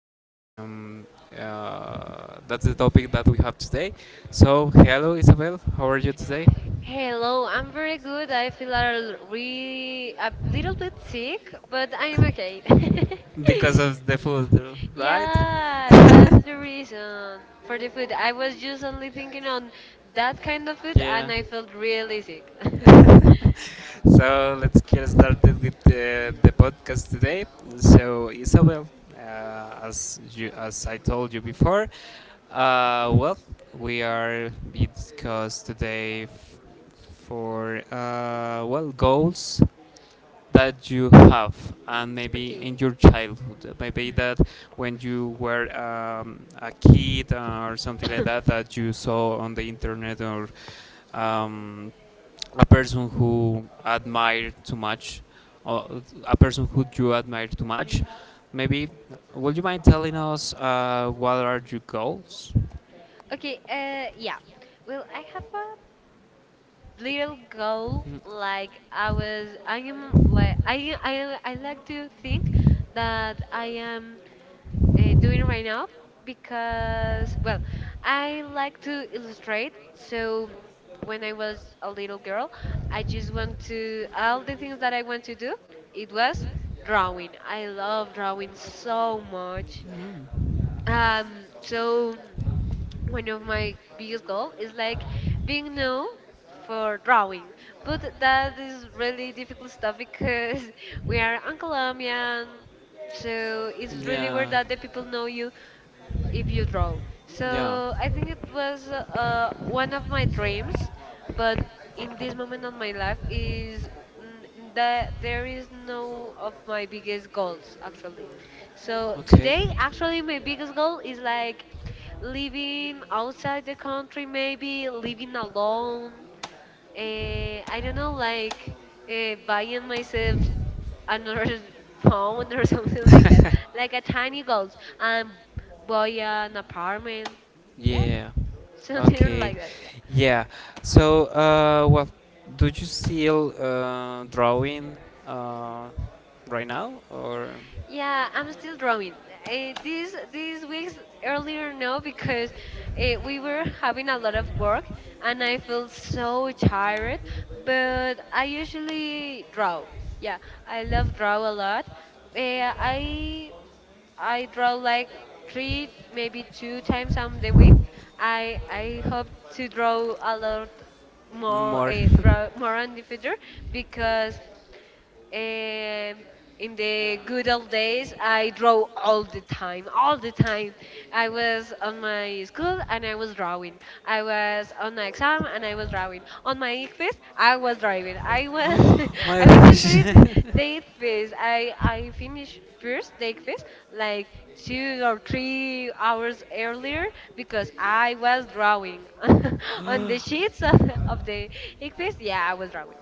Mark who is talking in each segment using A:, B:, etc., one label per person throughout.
A: the um, that's the topic that we have today. So hello Isabel, how are you today?
B: Hello, I'm very good. I feel a l- re a little bit sick, but I'm okay.
A: Because of the food, right?
B: Yeah, that's the reason for the food. I was just only thinking on that kind of food
A: Yeah.
B: and I felt really sick.
A: So let's get started with the podcast today. So Isabel, as I told you before, uh, well, we are be discussed today for goals that you have and maybe
B: Okay.
A: in your childhood, maybe that when you were a kid or something like that that you saw on the internet or um, a person who admire too much, or a person who you admire too much. Maybe, would you mind telling us what are your goals?
B: Okay, yeah. Well, I have a little goal like I was I am like I like to think that I am doing right now because, well, I like to illustrate. So when I was a little girl, I just want to, all the things that
A: Mm,
B: I want to do, it was drawing. I love drawing so much. So one of my biggest goal is like being known for drawing, but that is really difficult stuff because we are in Colombia and so it's really weird that the people know you if you draw.
A: so yeah,
B: So I think it was one of my dreams, but in this moment of my life is n- that there is no of my biggest goals actually. So
A: okay.
B: today actually my biggest goal is like living outside the country, maybe living alone. I don't know, like buying myself another phone or something like that, like a tiny goals and buy an apartment. Yeah,
A: Yeah.
B: something
A: Okay.
B: like that. Yeah,
A: Yeah. So, do you still drawing uh, right now or
B: yeah. I'm still drawing. These weeks earlier no, because we were having a lot of work and I felt so tired. But I usually draw. Yeah, I love draw a lot. Uh, I I draw like three, maybe two times on the week. I hope to draw a lot more,
A: more?
B: draw more on the future because um, in the good old days, I draw all the time. All the time, I was on my school and I was drawing. I was on my exam and I was drawing. On my ICFES, I was drawing. I was,
A: My
B: I was into
A: gosh.
B: it, the ICFES. I finished first the ICFES like 2 or 3 hours earlier because I was drawing on the sheets of the ICFES. Yeah, I was drawing.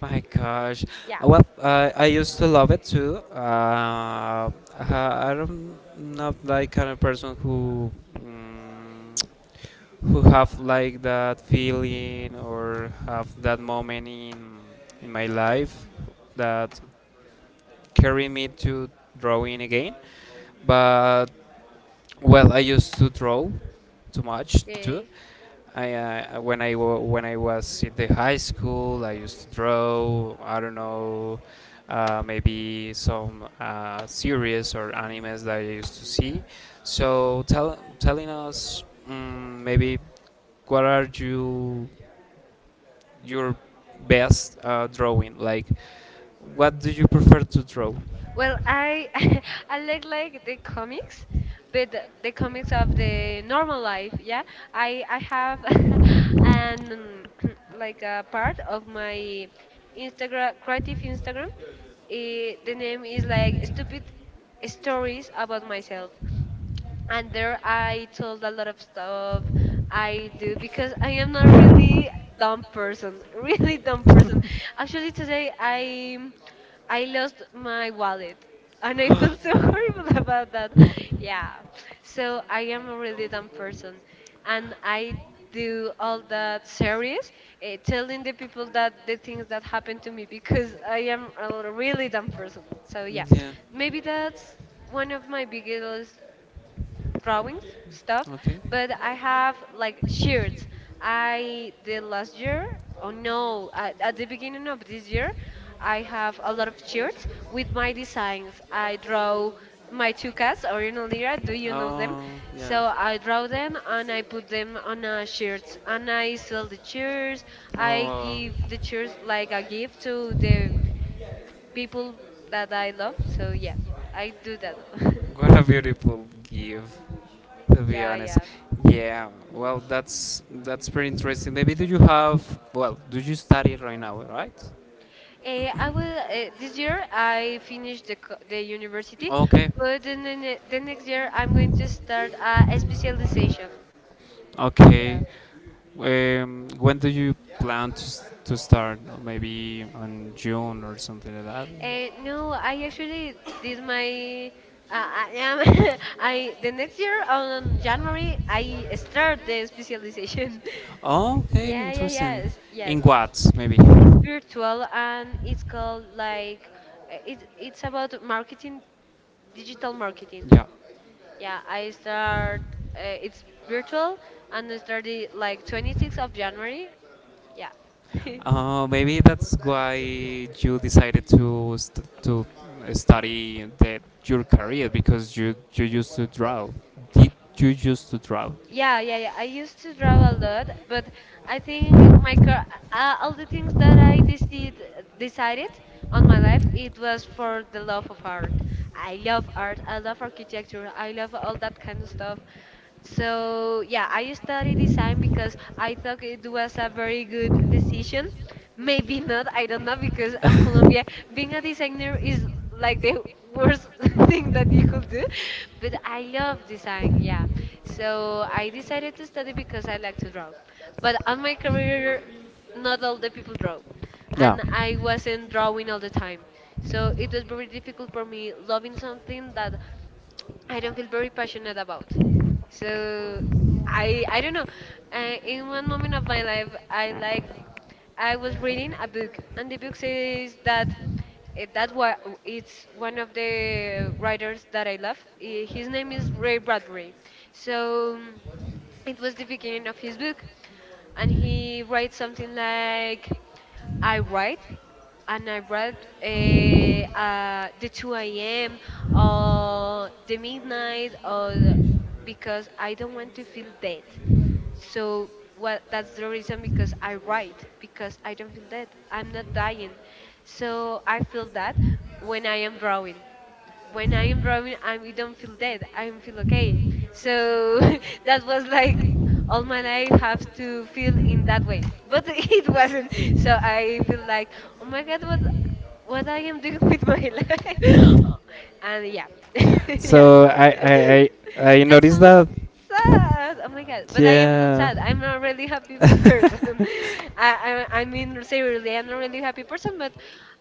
A: My gosh.
B: Yeah.
A: Well, I used to love it too. I don't not like kind of person who. mm who have like that feeling or have that moment in my life that carry me to drawing again. But well, I used to draw too much too.
B: Okay.
A: I when I wa- when I was in the high school, I used to draw. I don't know, maybe some series or animes that I used to see. So telling us maybe what are your best drawing? Like, what do you prefer to draw?
B: Well, I I like the comics, but the comics of the normal life. Yeah, I have an like a part of my Instagram, creative Instagram. The name is like stupid stories about myself, and there I told a lot of stuff I do because I am not really dumb person, really dumb person. Actually, today I lost my wallet and I feel so horrible about that. Yeah. So I am a really dumb person and I do all that series, telling the people that the things that happened to me because I am a really dumb person. So yeah,
A: Yeah.
B: maybe that's one of my biggest drawings stuff.
A: Okay.
B: But I have like shirts I did last year. Oh no, at the beginning of this year, I have a lot of shirts with my designs I draw, my two cats Orion, Lira. Do you know them?
A: Oh, yeah.
B: So I draw them and I put them on shirts and I sell the shirts. I
A: Oh,
B: give the shirts like a gift to the people that I love. So yeah, I do that.
A: what a beautiful gift, to be
B: Yeah,
A: honest.
B: yeah.
A: Yeah, well, that's pretty interesting. Maybe do you have? Well, do you study right now? Right?
B: Eh, I will this year I finished the the university,
A: Okay.
B: but then the next year I'm going to start a specialization. Yeah.
A: Okay. When do you plan to, to start? Maybe on June or something like that?
B: No, I actually did my I am I the next year on January I start the specialization.
A: Oh, okay,
B: Yeah, yeah,
A: interesting.
B: yes,
A: In
B: yes.
A: what, maybe?
B: It's virtual and it's called like it's about marketing, digital marketing.
A: Yeah.
B: Yeah, I start. It's virtual, and I started like 26th of January. Yeah.
A: Maybe that's why you decided to to study that your career because you used to draw. Did you used to draw?
B: Yeah, yeah, yeah. I used to draw a lot, but I think my car, all the things that decided on my life, it was for the love of art. I love art. I love architecture. I love all that kind of stuff. So yeah, I studied design because I thought it was a very good decision. Maybe not. I don't know, because in Colombia, being a designer is like the worst thing that you could do, but I love design. Yeah, so I decided to study because I like to draw, but on my career not all the people draw,
A: Yeah.
B: and I wasn't drawing all the time, so it was very difficult for me loving something that I don't feel very passionate about. So I don't know. In one moment of my life, I like. I was reading a book, and the book says that eh, that wa- it's one of the writers that I love. His name is Ray Bradbury. So it was the beginning of his book, and he writes something like. I write and I write the 2 a.m. or the midnight because I don't want to feel dead. So what that's the reason because I write, because I don't feel dead. I'm not dying. So I feel that when I am drawing when I am drawing, I don't feel dead. I feel okay. So that was like all my life have to feel in that way, but it wasn't. So I feel like, oh my god, what I am doing with my life, and yeah, yeah.
A: So I I I
B: That
A: noticed
B: sounds
A: that
B: sad. Oh my god! But I am not
A: yeah.
B: sad. I'm not really happy person. I mean seriously, I'm not really happy person. But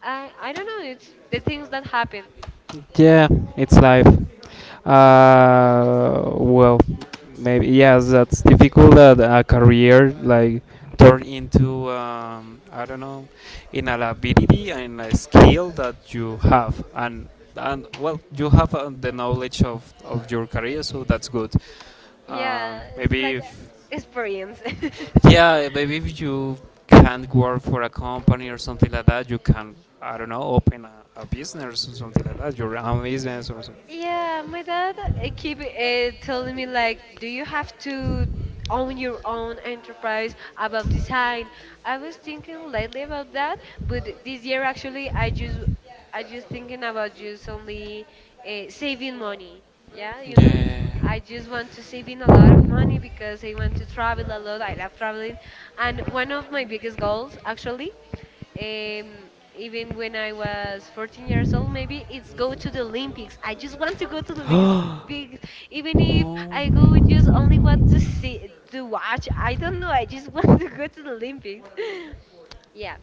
B: I don't know. It's the things that happen.
A: Yeah, it's life. Well, maybe yes, that's difficult that a career like turn into I don't know, in an ability and a skill that you have, and well, you have the knowledge of your career, so that's good. Um,
B: Yeah, it's
A: maybe
B: like
A: if
B: a experience.
A: yeah, maybe if you can't work for a company or something like that, you can, I don't know, open a business or something like that, your own business or something.
B: Yeah, my dad keep telling me like, do you have to own your own enterprise about design? I was thinking lately about that, but this year actually I just thinking about just only saving money. Yeah, you know, I just want to save in a lot of money because I want to travel a lot. I love traveling, and one of my biggest goals actually, even when I was 14 years old, maybe it's go to the Olympics. I just want to go to the Olympics,
A: Oh.
B: big- even if I go just only want to see to watch. I don't know. I just want to go to the Olympics. Yeah,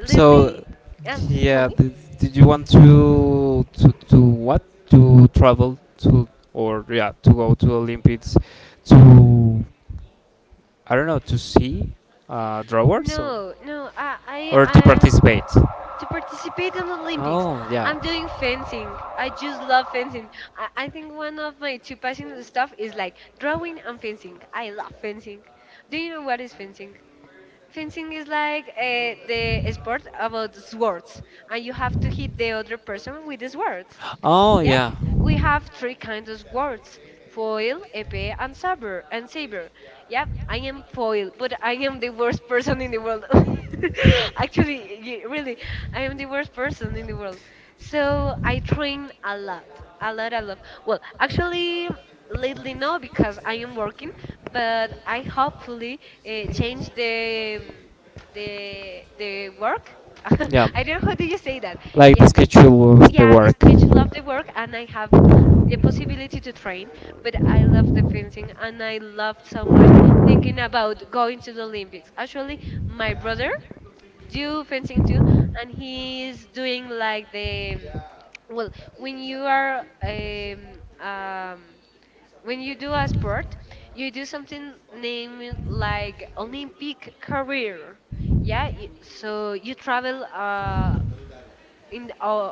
B: lately,
A: So,
B: tell
A: yeah,
B: me.
A: did, did you want to what to travel to or yeah to go to Olympics to I don't know to see drawers
B: No, no.
A: or to
B: I
A: participate?
B: to participate in the Olympics.
A: Oh yeah.
B: I'm doing fencing. I just love fencing. I think one of my two passionate stuff is like drawing and fencing. I love fencing. Do you know what is fencing? Fencing is like the sport about swords, and you have to hit the other person with the swords.
A: Oh
B: Yeah,
A: yeah
B: we have three kinds of words: foil, epee, and saber. And saber. Yeah, I am foil, but I am the worst person in the world. Actually, really, I am the worst person in the world. So I train a lot, a lot, a lot. Well, actually, lately no, because I am working, but I hopefully change the work.
A: yeah.
B: I don't know how do you say that.
A: Like the
B: Yeah,
A: schedule
B: yeah, the speech love the work and I have the possibility to train, but I love the fencing and I loved so much thinking about going to the Olympics. Actually, my brother do fencing too, and he is doing like the, well, when you are um, when you do a sport, you do something named like Olympic career. So you travel in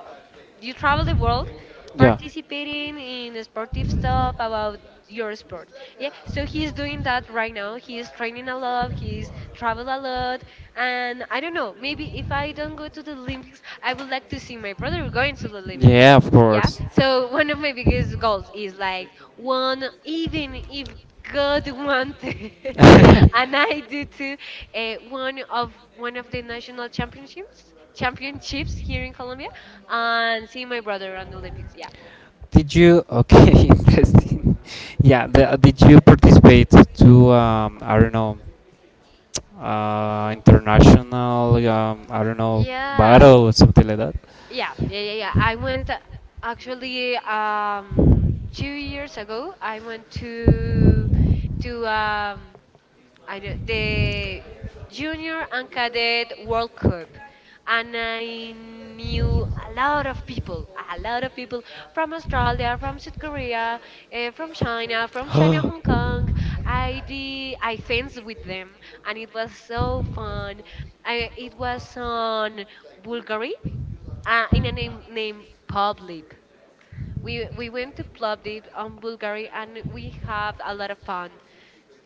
B: you travel the world
A: yeah.
B: participating in sportive stuff about your sport. Yeah, so he's doing that right now. He's training a lot, he's traveled a lot, and I don't know, maybe if I don't go to the Olympics, I would like to see my brother going to the Olympics.
A: Yeah, of
B: Yeah,
A: course.
B: so one of my biggest goals is like one, even if god wanted, and I do too, one of the national championships here in Colombia, and seeing my brother on the Olympics. Yeah.
A: Did you? Okay, interesting. Yeah, the, did you participate to I don't know, international I don't know
B: Yeah. w-
A: battle or something like that?
B: Yeah. Yeah. I went actually, 2 years ago. I went to to um, I know the Junior and Cadet World Cup. And I knew a lot of people, a lot of people from Australia, from South Korea, from China, Hong Kong. I did, I fenced with them, and it was so fun. I, it was on Bulgari, in a name named Publip. We went to Plovdiv on Bulgari, and we have a lot of fun,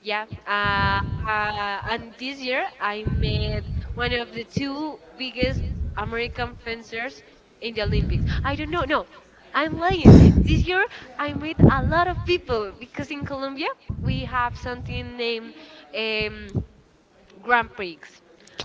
B: yeah. And this year I met one of the two biggest American fencers in the Olympics. I don't know. No, I'm lying. This year I met a lot of people because in Colombia we have something named, um, Grand Prix.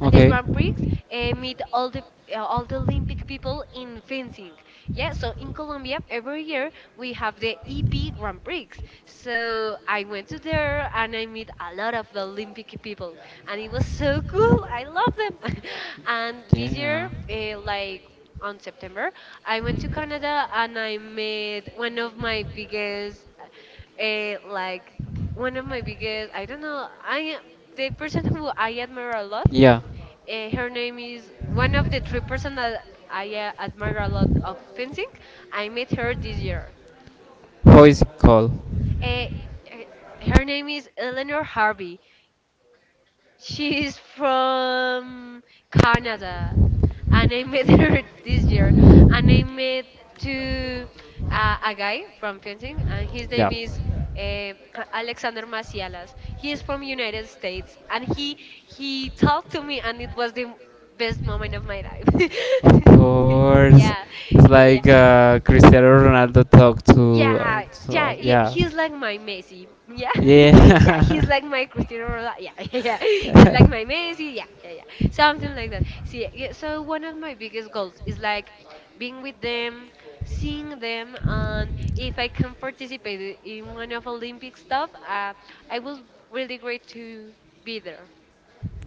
B: And the
A: Okay.
B: Grand Prix meet all the all the Olympic people in fencing. Yeah, so in Colombia every
A: Yeah.
B: year we have the EP Grand Prix. So I went to there and I meet a lot of the Olympic people, and it was so cool. I love them. And this year, like on September, I went to Canada and I met one of my biggest, like one of my biggest. I don't know. I The person who I admire a lot,
A: Yeah.
B: her name is one of the three person that I admire a lot of fencing. I met her this year.
A: Who is it called?
B: Uh, Her name is Eleanor Harvey. She is from Canada, and I met her this year. And I met to a guy from fencing, and his name is eh, Alexander Macialas. He is from United States, and he talked to me, and it was the best moment of my life.
A: Of course,
B: Yeah,
A: it's
B: yeah.
A: like Cristiano Ronaldo talked
B: Yeah, yeah,
A: to
B: yeah,
A: yeah,
B: he's like my Messi. Yeah, yeah, he's
A: yeah.
B: like my Cristiano Ronaldo. Yeah, yeah, he's like my Messi. Yeah, yeah, yeah, something like that. See, yeah, so one of my biggest goals is like being with them, seeing them, and if I can participate in one of Olympic stuff, I will really great to be there.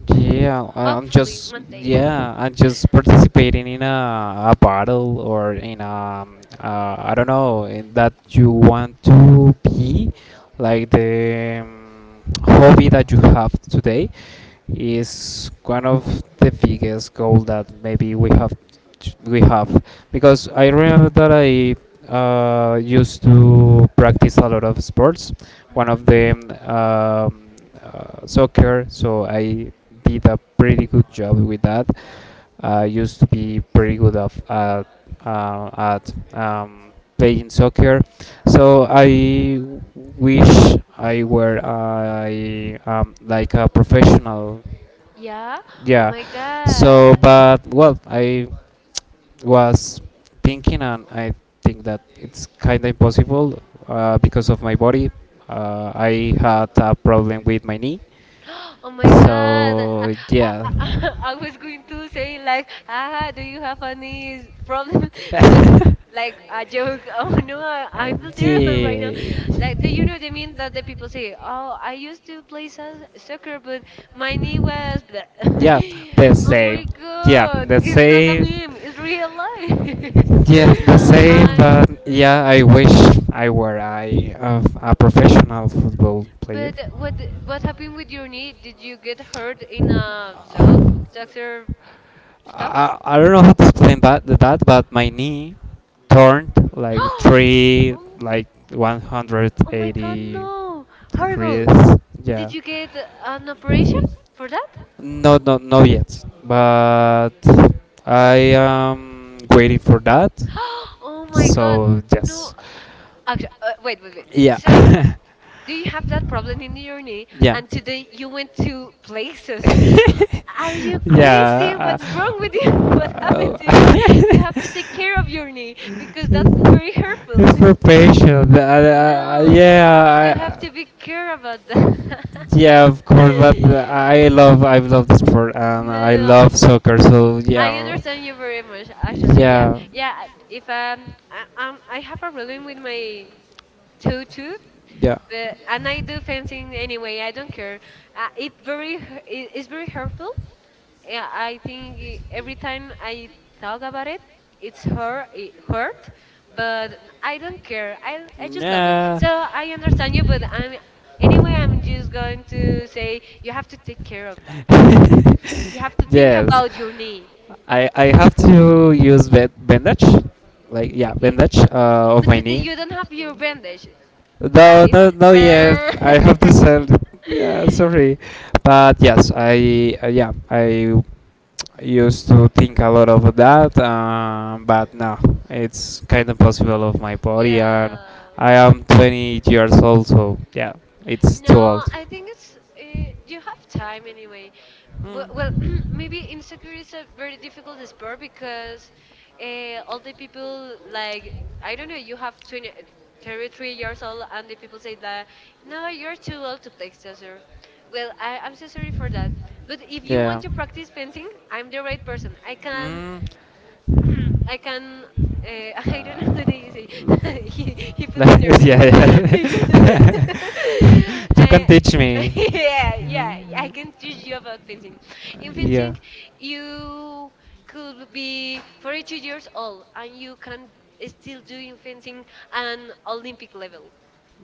A: Yeah, I'm
B: Hopefully
A: just
B: one day.
A: yeah, I'm just participating in a battle or in a I don't know in that you want to be like the hobby that you have today is one of the biggest goal that maybe we have because I remember that I used to practice a lot of sports. One of
B: Hmm.
A: them soccer, so I did a pretty good job with that. I used to be pretty good of, at playing soccer, so I wish I were I like a professional
B: Yeah. Oh
A: yeah.
B: my
A: So,
B: God.
A: but well, I was thinking, and I think that it's kind of impossible because of my body. I had a problem with my knee.
B: Oh my God.
A: So
B: I,
A: yeah.
B: I was going to say like, ah, do you have any problem? But like a joke. Oh no, I,
A: Uh,
B: I feel terrible right now. Like, do you know the mean that the people say, "Oh, I used to play soccer, but my knee was blah."
A: yeah. Yeah, the
B: Oh
A: same.
B: my
A: Yeah,
B: God,
A: the
B: it's not a
A: same.
B: meme. It's real life.
A: Yeah, the same.
B: I
A: But
B: know.
A: yeah, I wish I were a professional football player.
B: But what happened with your knee? Did you get hurt in a sock soccer stuff?
A: I don't know how to explain that, but my knee turned like
B: Oh,
A: three,
B: oh
A: like
B: my God,
A: 180
B: no!
A: the
B: Horrible!
A: Chris, yeah.
B: Did you get an operation for that?
A: No, no, no yet. But I am waiting for that.
B: Oh my God,
A: So
B: no!
A: yes,
B: Actually, wait, wait, wait.
A: yeah,
B: So, do you have that problem in your knee?
A: yeah,
B: And today you went to places. Are you crazy?
A: yeah.
B: What's wrong with you? What happened
A: Uh,
B: to you?
A: uh,
B: You have to take care of your knee because that's very hurtful.
A: it's for patient.
B: No, you have
A: Yeah,
B: to be care about that.
A: yeah, of course, but
B: Y-
A: I love the sport and I
B: No,
A: love soccer. So
B: I
A: yeah,
B: understand you very much. Actually, yeah,
A: yeah, yeah.
B: yeah. If I have a problem with my toe too, but and I do fencing anyway. I don't care. It's very hurtful. Yeah, I think every time I talk about it, it's hurt, it hurt, but I don't care. I just love it.
A: Yeah.
B: So I understand you, but I'm anyway. I'm just going to say you have to take care of that. Okay, you have to think
A: Yes,
B: about your knee.
A: I have to use bandage, like yeah, bandage of
B: But
A: my
B: did
A: knee.
B: you don't have your bandage,
A: No,
B: right?
A: no, no. Yeah,
B: Ah.
A: I have to sell. It. Yeah, sorry, but yes, I used to think a lot of that, but now it's kind of possible of my body, and
B: Yeah.
A: I am 20 years old, so yeah, it's too old.
B: No, I think it's you have time anyway.
A: Well,
B: Well, maybe in soccer is a very difficult sport because all the people like I don't know. You have 20, 30, 3 years old, and the people say that no, you're too old to play soccer. Well, I'm so sorry for that. But if you want to practice fencing, I'm the right person. I can I can. Uh, I don't know what they say. he he put me nervous. He just. I, yeah, yeah. I
A: Mhm.
B: can teach you about fencing. In
A: Yeah.
B: fencing, you could be 42 years old and you can still do in fencing an Olympic level.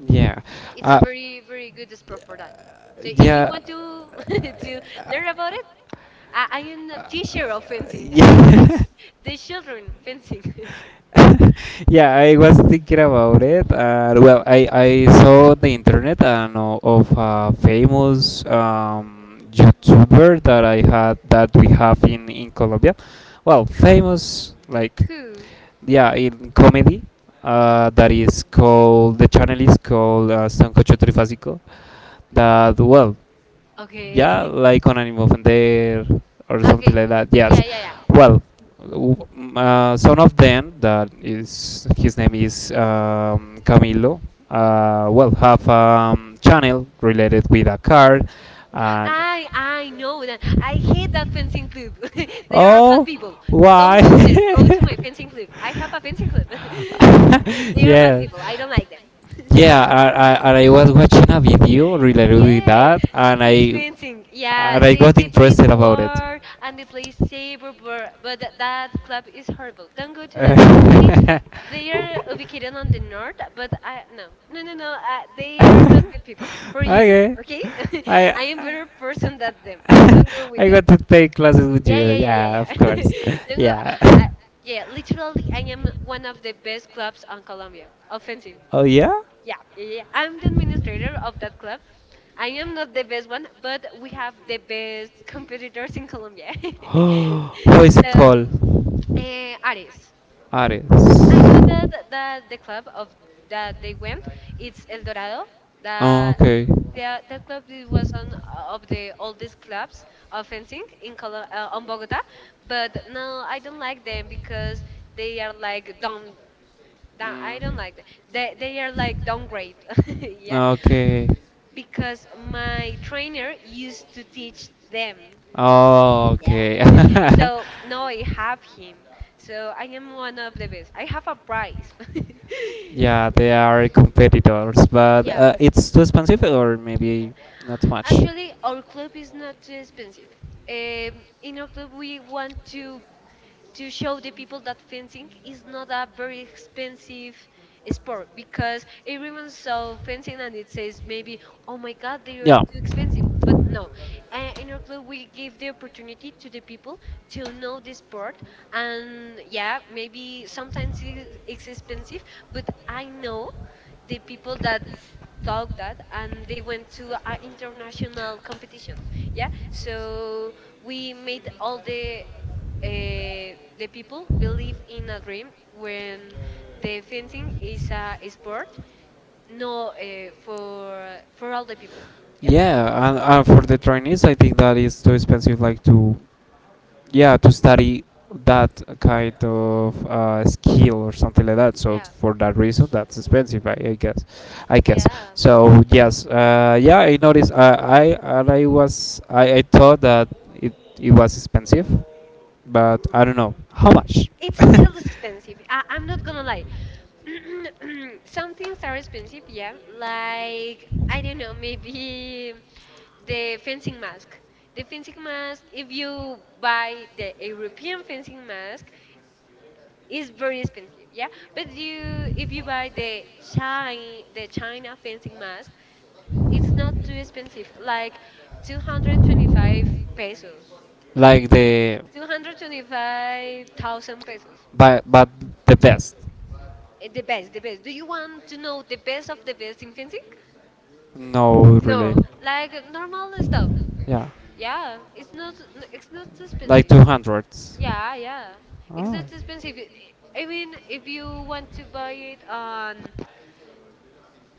A: Yeah.
B: It's a
A: Uh,
B: very, very good sport for that. So if you
A: yeah.
B: want to to learn about it, I am a teacher of fencing. I teach
A: Yeah.
B: the children fencing.
A: Yeah, I was thinking about it. Well, I saw the internet and of a famous YouTuber that I had that we have in Colombia. Well, famous like
B: Who?
A: yeah in comedy. That is called the channel is called Sancocho Trifásico. That well yeah,
B: Okay.
A: like on Animal there or something
B: Okay.
A: like that. Yes.
B: Yeah, yeah, yeah.
A: Well, son of Dan, that is his name is Camilo. Well, have channel related with a car, and
B: I know that. I hate that fencing club. There are bad
A: oh,
B: people.
A: why?
B: Don't go there. Go to my fencing club. I have a fencing club. They are bad
A: Yeah,
B: people. I don't like them.
A: yeah. I was watching a video related with that,
B: With fencing. Yeah,
A: and I
B: they,
A: got
B: they play
A: interested about it.
B: war and they play saber, but that club is horrible. Don't go to that. They they are ubicated on the north, but I no, no, no, no. They are not good people for you.
A: Okay,
B: Okay.
A: I
B: I am better person than them. Don't go with
A: I
B: them.
A: got to take classes with
B: Yeah,
A: you.
B: yeah, yeah, yeah,
A: Yeah,
B: yeah.
A: of course.
B: Don't go.
A: Yeah.
B: Uh, yeah, literally, I am one of the best clubs on Colombia of fencing.
A: Oh yeah?
B: Yeah, yeah, yeah. I'm the administrator of that club. I am not the best one, but we have the best competitors in Colombia.
A: What is it
B: So,
A: called?
B: Ares. I know
A: Ares.
B: that the club of that they went, it's El Dorado.
A: Oh
B: That
A: okay.
B: that club it was on of the oldest clubs of fencing in on Bogota, but no, I don't like them because they are like down. Nah,
A: Mm.
B: I don't like them. They are like downgrade. Yeah.
A: Okay.
B: Because my trainer used to teach them.
A: Oh,
B: Yeah.
A: okay.
B: So now I have him. So I am one of the best. I have a prize.
A: Yeah, they are competitors, but
B: Yeah.
A: it's too expensive, or maybe not too much.
B: Actually, our club is not too expensive. In our club, we want to show the people that fencing is not a very expensive sport because everyone saw fencing and it says maybe, "Oh my God, they are
A: Yeah.
B: too expensive," but no. In our club we give the opportunity to the people to know the sport. And yeah, maybe sometimes it's expensive, but I know the people that talk that and they went to an international competition. Yeah, so we made all the people believe in a dream when the fencing is a sport, no, for all the people. Yeah.
A: Yeah, and for the trainees, I think that is too expensive, like to yeah to study that kind of skill or something like that so
B: Yeah,
A: for that reason that's expensive I guess I guess
B: yeah,
A: so yes yeah I noticed I and I was I thought that it, it was expensive but I don't know how much
B: it's a little expensive. I'm not gonna lie. Some things are expensive, yeah, like I don't know, maybe the fencing mask. The fencing mask, if you buy the European fencing mask, it's very expensive, yeah. But you, if you buy the China fencing mask, it's not too expensive, like 225 pesos,
A: like the
B: 225,000 pesos.
A: but the best
B: The best, the best. Do you want to know the best of the best in fencing?
A: no really
B: No, like normal stuff.
A: yeah
B: Yeah, it's not too
A: like
B: expensive.
A: 200
B: Yeah, yeah. It's
A: oh
B: not expensive. I mean, if you want to buy it on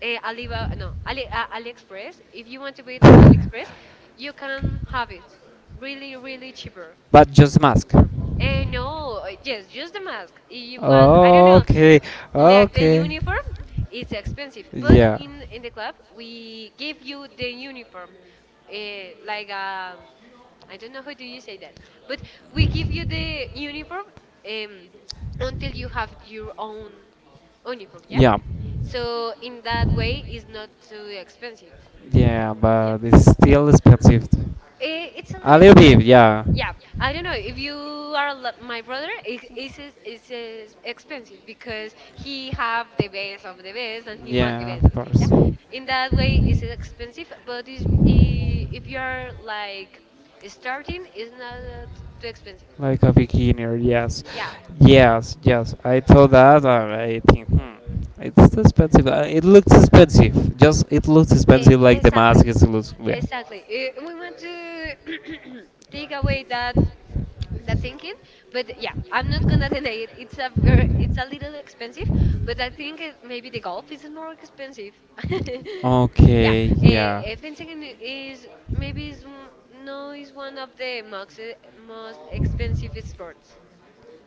B: Alibaba, no, AliExpress. If you want to buy it on AliExpress, you can have it really, really cheaper.
A: but just mask
B: No, yes, just the mask. If you want, I don't know,
A: okay
B: like the
A: okay
B: uniform, it's expensive, but
A: yeah
B: in the club we give you the uniform, like I don't know how do you say that, but we give you the uniform um until you have your own uniform, yeah.
A: Yeah.
B: So in that way, it's not too expensive.
A: Yeah,
B: Yeah,
A: but it's
B: yeah.
A: still expensive.
B: It's a
A: A
B: little
A: little bit,
B: expensive.
A: yeah.
B: Yeah, I don't know if you are my brother. It is expensive because he have the best of the best and he want the
A: Yeah,
B: best of
A: of
B: it. Yeah,
A: course.
B: in that way, it's expensive. But if you are like starting, it's not too expensive.
A: Like a beginner, yes.
B: Yeah,
A: Yes, yes. I thought that and I think, hmm, it's too expensive. It looks expensive. Just, it looks expensive like the mask.
B: exactly.
A: It looks, yeah.
B: Exactly. We want to take away that thinking, but yeah, I'm not gonna deny it. It's a little expensive, but I think maybe the golf is more expensive. Yeah,
A: Okay,
B: fencing is, maybe no, is one of the most most expensive sports.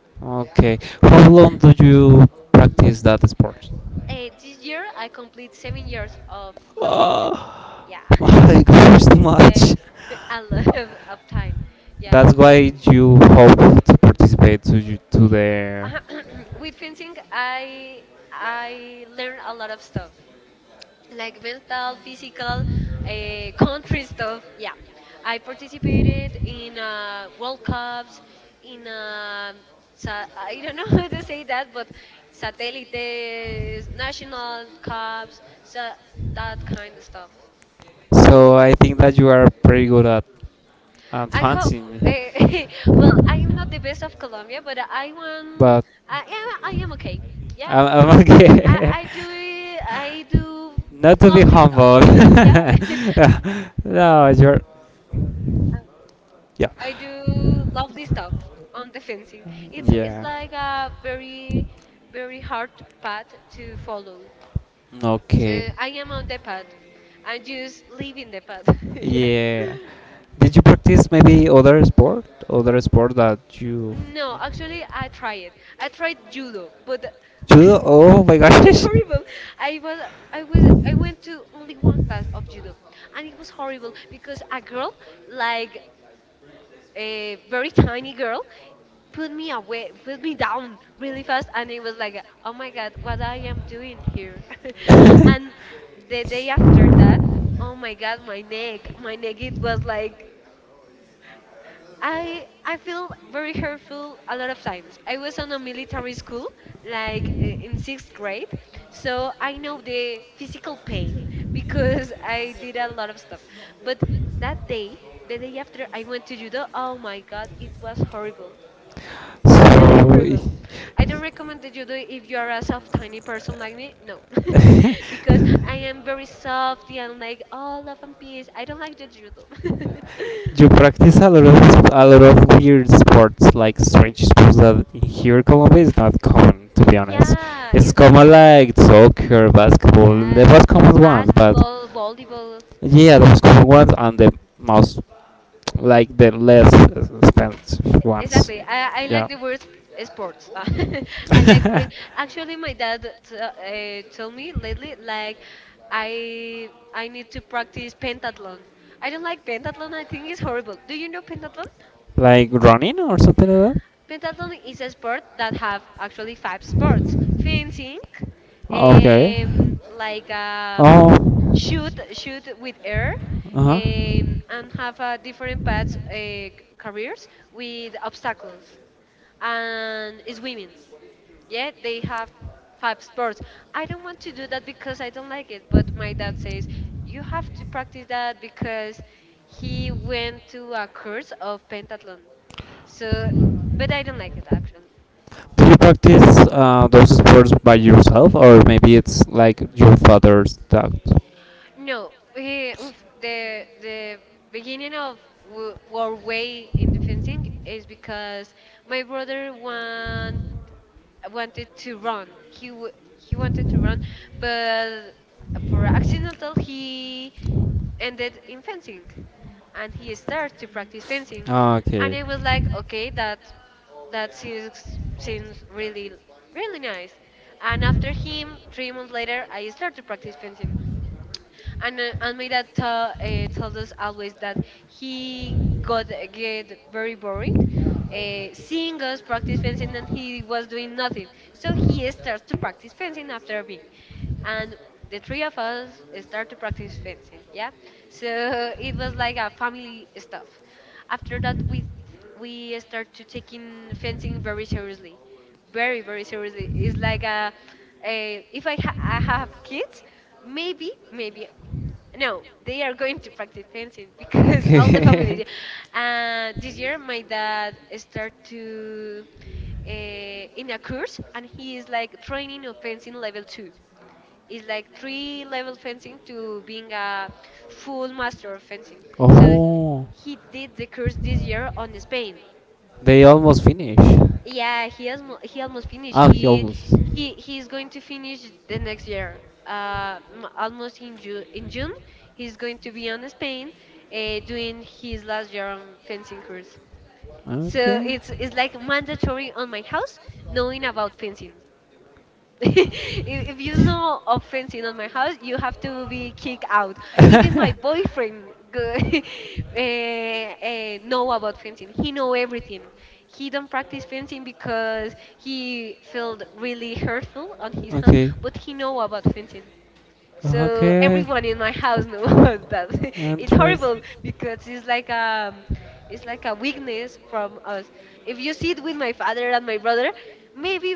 A: sports. Yeah. Okay. How long do you practice that sport?
B: This year I complete 7 years of knowing fencing.
A: Oh
B: Yeah,
A: my gosh, too
B: yeah,
A: much.
B: a lot of time. Yeah.
A: That's why you hope to participate to you, to the
B: With fencing, I learned a lot of stuff, like mental, physical, country stuff. Yeah, I participated in World Cups, in I don't know how to say that, but satellites, national cups, that kind of stuff.
A: so
B: Yeah,
A: I think that you are pretty good at
B: I hope.
A: advancing me.
B: Uh, well, I am not the best of Colombia, but I won.
A: But
B: I am. I am okay. Yeah,
A: I'm okay.
B: I do
A: Not to be
B: lovely stuff.
A: humble.
B: Yeah,
A: Yeah. No, you're.
B: Uh,
A: Yeah.
B: I do lovely stuff on the fencing. It's
A: Yeah.
B: like a very, very hard path to follow.
A: Okay.
B: So I am on the path. I'm just leaving the path. Yeah.
A: Yeah. Did you practice maybe other sport? Other sport that you.
B: No, actually, I tried. I tried judo, but
A: Judo? Oh my
B: it was
A: gosh.
B: horrible. I was, I was, I went to only one class of judo, and it was horrible because a girl like a very tiny girl put me away put me down really fast, and it was like, oh my god, what I am doing here. And the day after that, oh my god, my neck, my neck. It was like i feel very hurtful a lot of times. I was on a military school like in sixth grade, so I know the physical pain because I did a lot of stuff. But that day, the day after I went to judo, oh my god, it was horrible,
A: Like
B: really
A: so,
B: terrible. I don't recommend that you do it if you are a soft, tiny person like me. No, because I am very soft and like all love and peace. I don't like that you do.
A: You practice a lot of weird sports, like strange sports that here in Colombia is not common, to be honest.
B: Yeah,
A: It's
B: it's not
A: common
B: cool.
A: like soccer, basketball, the
B: Yeah,
A: most common ones, but
B: basketball, volleyball. Mm.
A: yeah, the most common ones and the most like the less expensive ones.
B: Exactly. I
A: Yeah.
B: like the word sports. I like read. Actually, my dad told me lately like I need to practice pentathlon. I don't like pentathlon. I think it's horrible. Do you know pentathlon?
A: Like running or something like that.
B: Pentathlon is a sport that have actually five sports: fencing,
A: Okay.
B: um, like um,
A: Oh.
B: shoot with air,
A: Uh huh.
B: and have different paths careers with obstacles, and it's women. Yeah, they have five sports. I don't want to do that because I don't like it, but
A: You
B: my dad says you have to practice
A: practice
B: that because he went to a course
A: so
B: of pentathlon. So, but I don't like it
A: like
B: actually.
A: those sports by yourself, or maybe it's like your father's taught? No,
B: No, he, oof, the beginning of our way in the fencing is because my brother won wanted to run. He he wanted to run, but for accidental he ended in fencing, and he started to practice fencing.
A: ah,
B: And
A: okay.
B: I was like, okay, that that seems really really nice. And after him, 3 months later, I started to practice fencing. And and my dad tells us always that he get very bored, seeing us practice fencing, and he was doing nothing. So he starts to practice fencing after me, and the three of us start to practice fencing. Yeah, so it was like a family stuff. After that, we start to taking fencing very seriously, very very seriously. It's like a if I have kids, maybe maybe no, they are going to practice fencing because all the family.
A: Okay.
B: This year, my dad start to in a course, and he is like training of fencing level two. It's like three level fencing to being a full master of fencing. So
A: Oh,
B: he did the course this year on Spain.
A: they almost finish. Yeah,
B: Yeah, he has he almost finished.
A: ah,
B: He he's going to finish the next year. Almost in June. In June, he's going to be on Spain, doing his last year on fencing course. So
A: okay.
B: it's like mandatory on my house knowing about fencing. if, if you know of fencing on my house, you have to be kicked out. Even my boyfriend go, know about fencing. He know everything. He don't practice fencing because he felt really hurtful on his hand,
A: okay.
B: but he know about fencing. So
A: Okay.
B: everyone in my house knows that it's
A: Interest.
B: horrible because it's like a weakness from us. If you see it with my father and my brother, maybe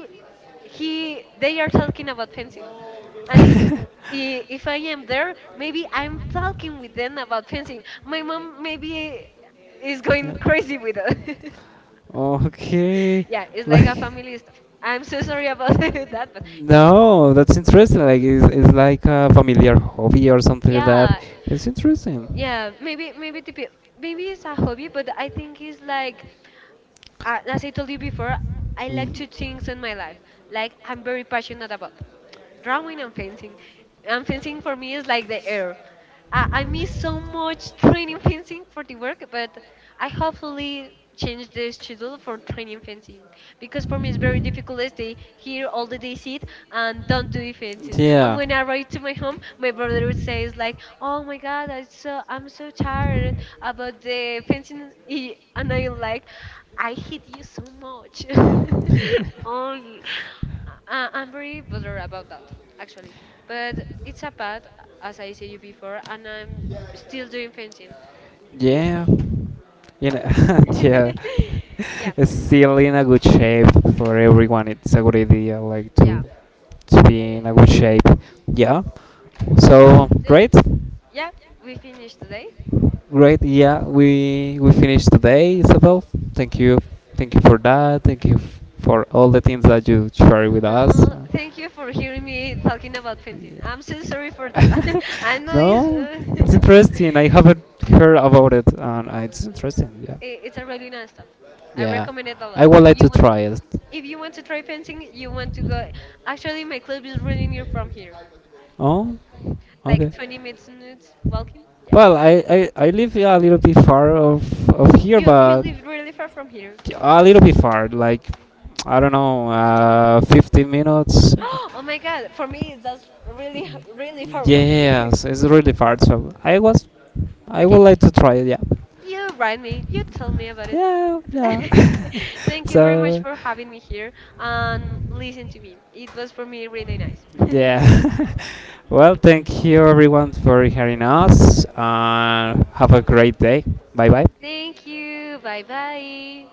B: he they are talking about fencing, and if I am there, maybe I'm talking with them about fencing. My mom maybe is going crazy with us.
A: okay.
B: Yeah, it's like a
A: Like.
B: family stuff. I'm so sorry about that, but yeah.
A: No, that's interesting. Like it's like a familiar hobby or something like that.
B: Yeah,
A: It's interesting.
B: yeah, maybe it's a hobby, but I think it's like, as I told you before, I like
A: Mm.
B: to things in my life, like I'm very passionate about drawing and fencing. And fencing for me is like the air. I miss so much training fencing for the work, but I hopefully change the schedule for training fencing because for me it's very difficult to stay here all the day sit and don't do fencing. And
A: Yeah.
B: when I arrive to my home, my brother would say it's like, "Oh my God, I'm so tired about the fencing," and I'm like, "I hate you so much." Oh. I'm very bothered about that actually, but it's a path, as I said you before, and I'm still doing fencing bit.
A: Yeah, you know, yeah,
B: Yeah, yeah,
A: it's still in a good shape for everyone. It's a good idea, like
B: yeah,
A: to
B: yeah,
A: be in
B: yeah.
A: a good shape. Yeah. So
B: So
A: great,
B: yeah, we finished today.
A: great. Yeah, we finished today, Isabel. Thank you, thank you for that. Thank you for all the things that you share with us.
B: No, thank you for hearing me talking about fencing. I'm so sorry for that. I know it's
A: No, it's interesting. I haven't heard about it, and it's interesting. Yeah,
B: it's a really nice stuff. I
A: yeah.
B: recommend it a lot.
A: I would like to try it.
B: If you want to try fencing, you want to go. Actually, my club is really near from here,
A: Oh,
B: like
A: okay.
B: 20 minutes walking. Yeah.
A: Well, I live a little bit far of here,
B: You
A: but
B: live really far from here.
A: a little bit far, like I don't know, 15 minutes.
B: Oh my god, for me that's really really far from here.
A: Yes, it's really far. So I was, I would
B: Okay,
A: like to try it. Yeah,
B: you write me, you tell me about it.
A: yeah, yeah.
B: Thank you very much
A: So
B: for having me here and listen to me. It was for me really nice.
A: yeah. Well, thank you everyone for hearing us. Have a great day. Bye bye.
B: Thank you. Bye bye.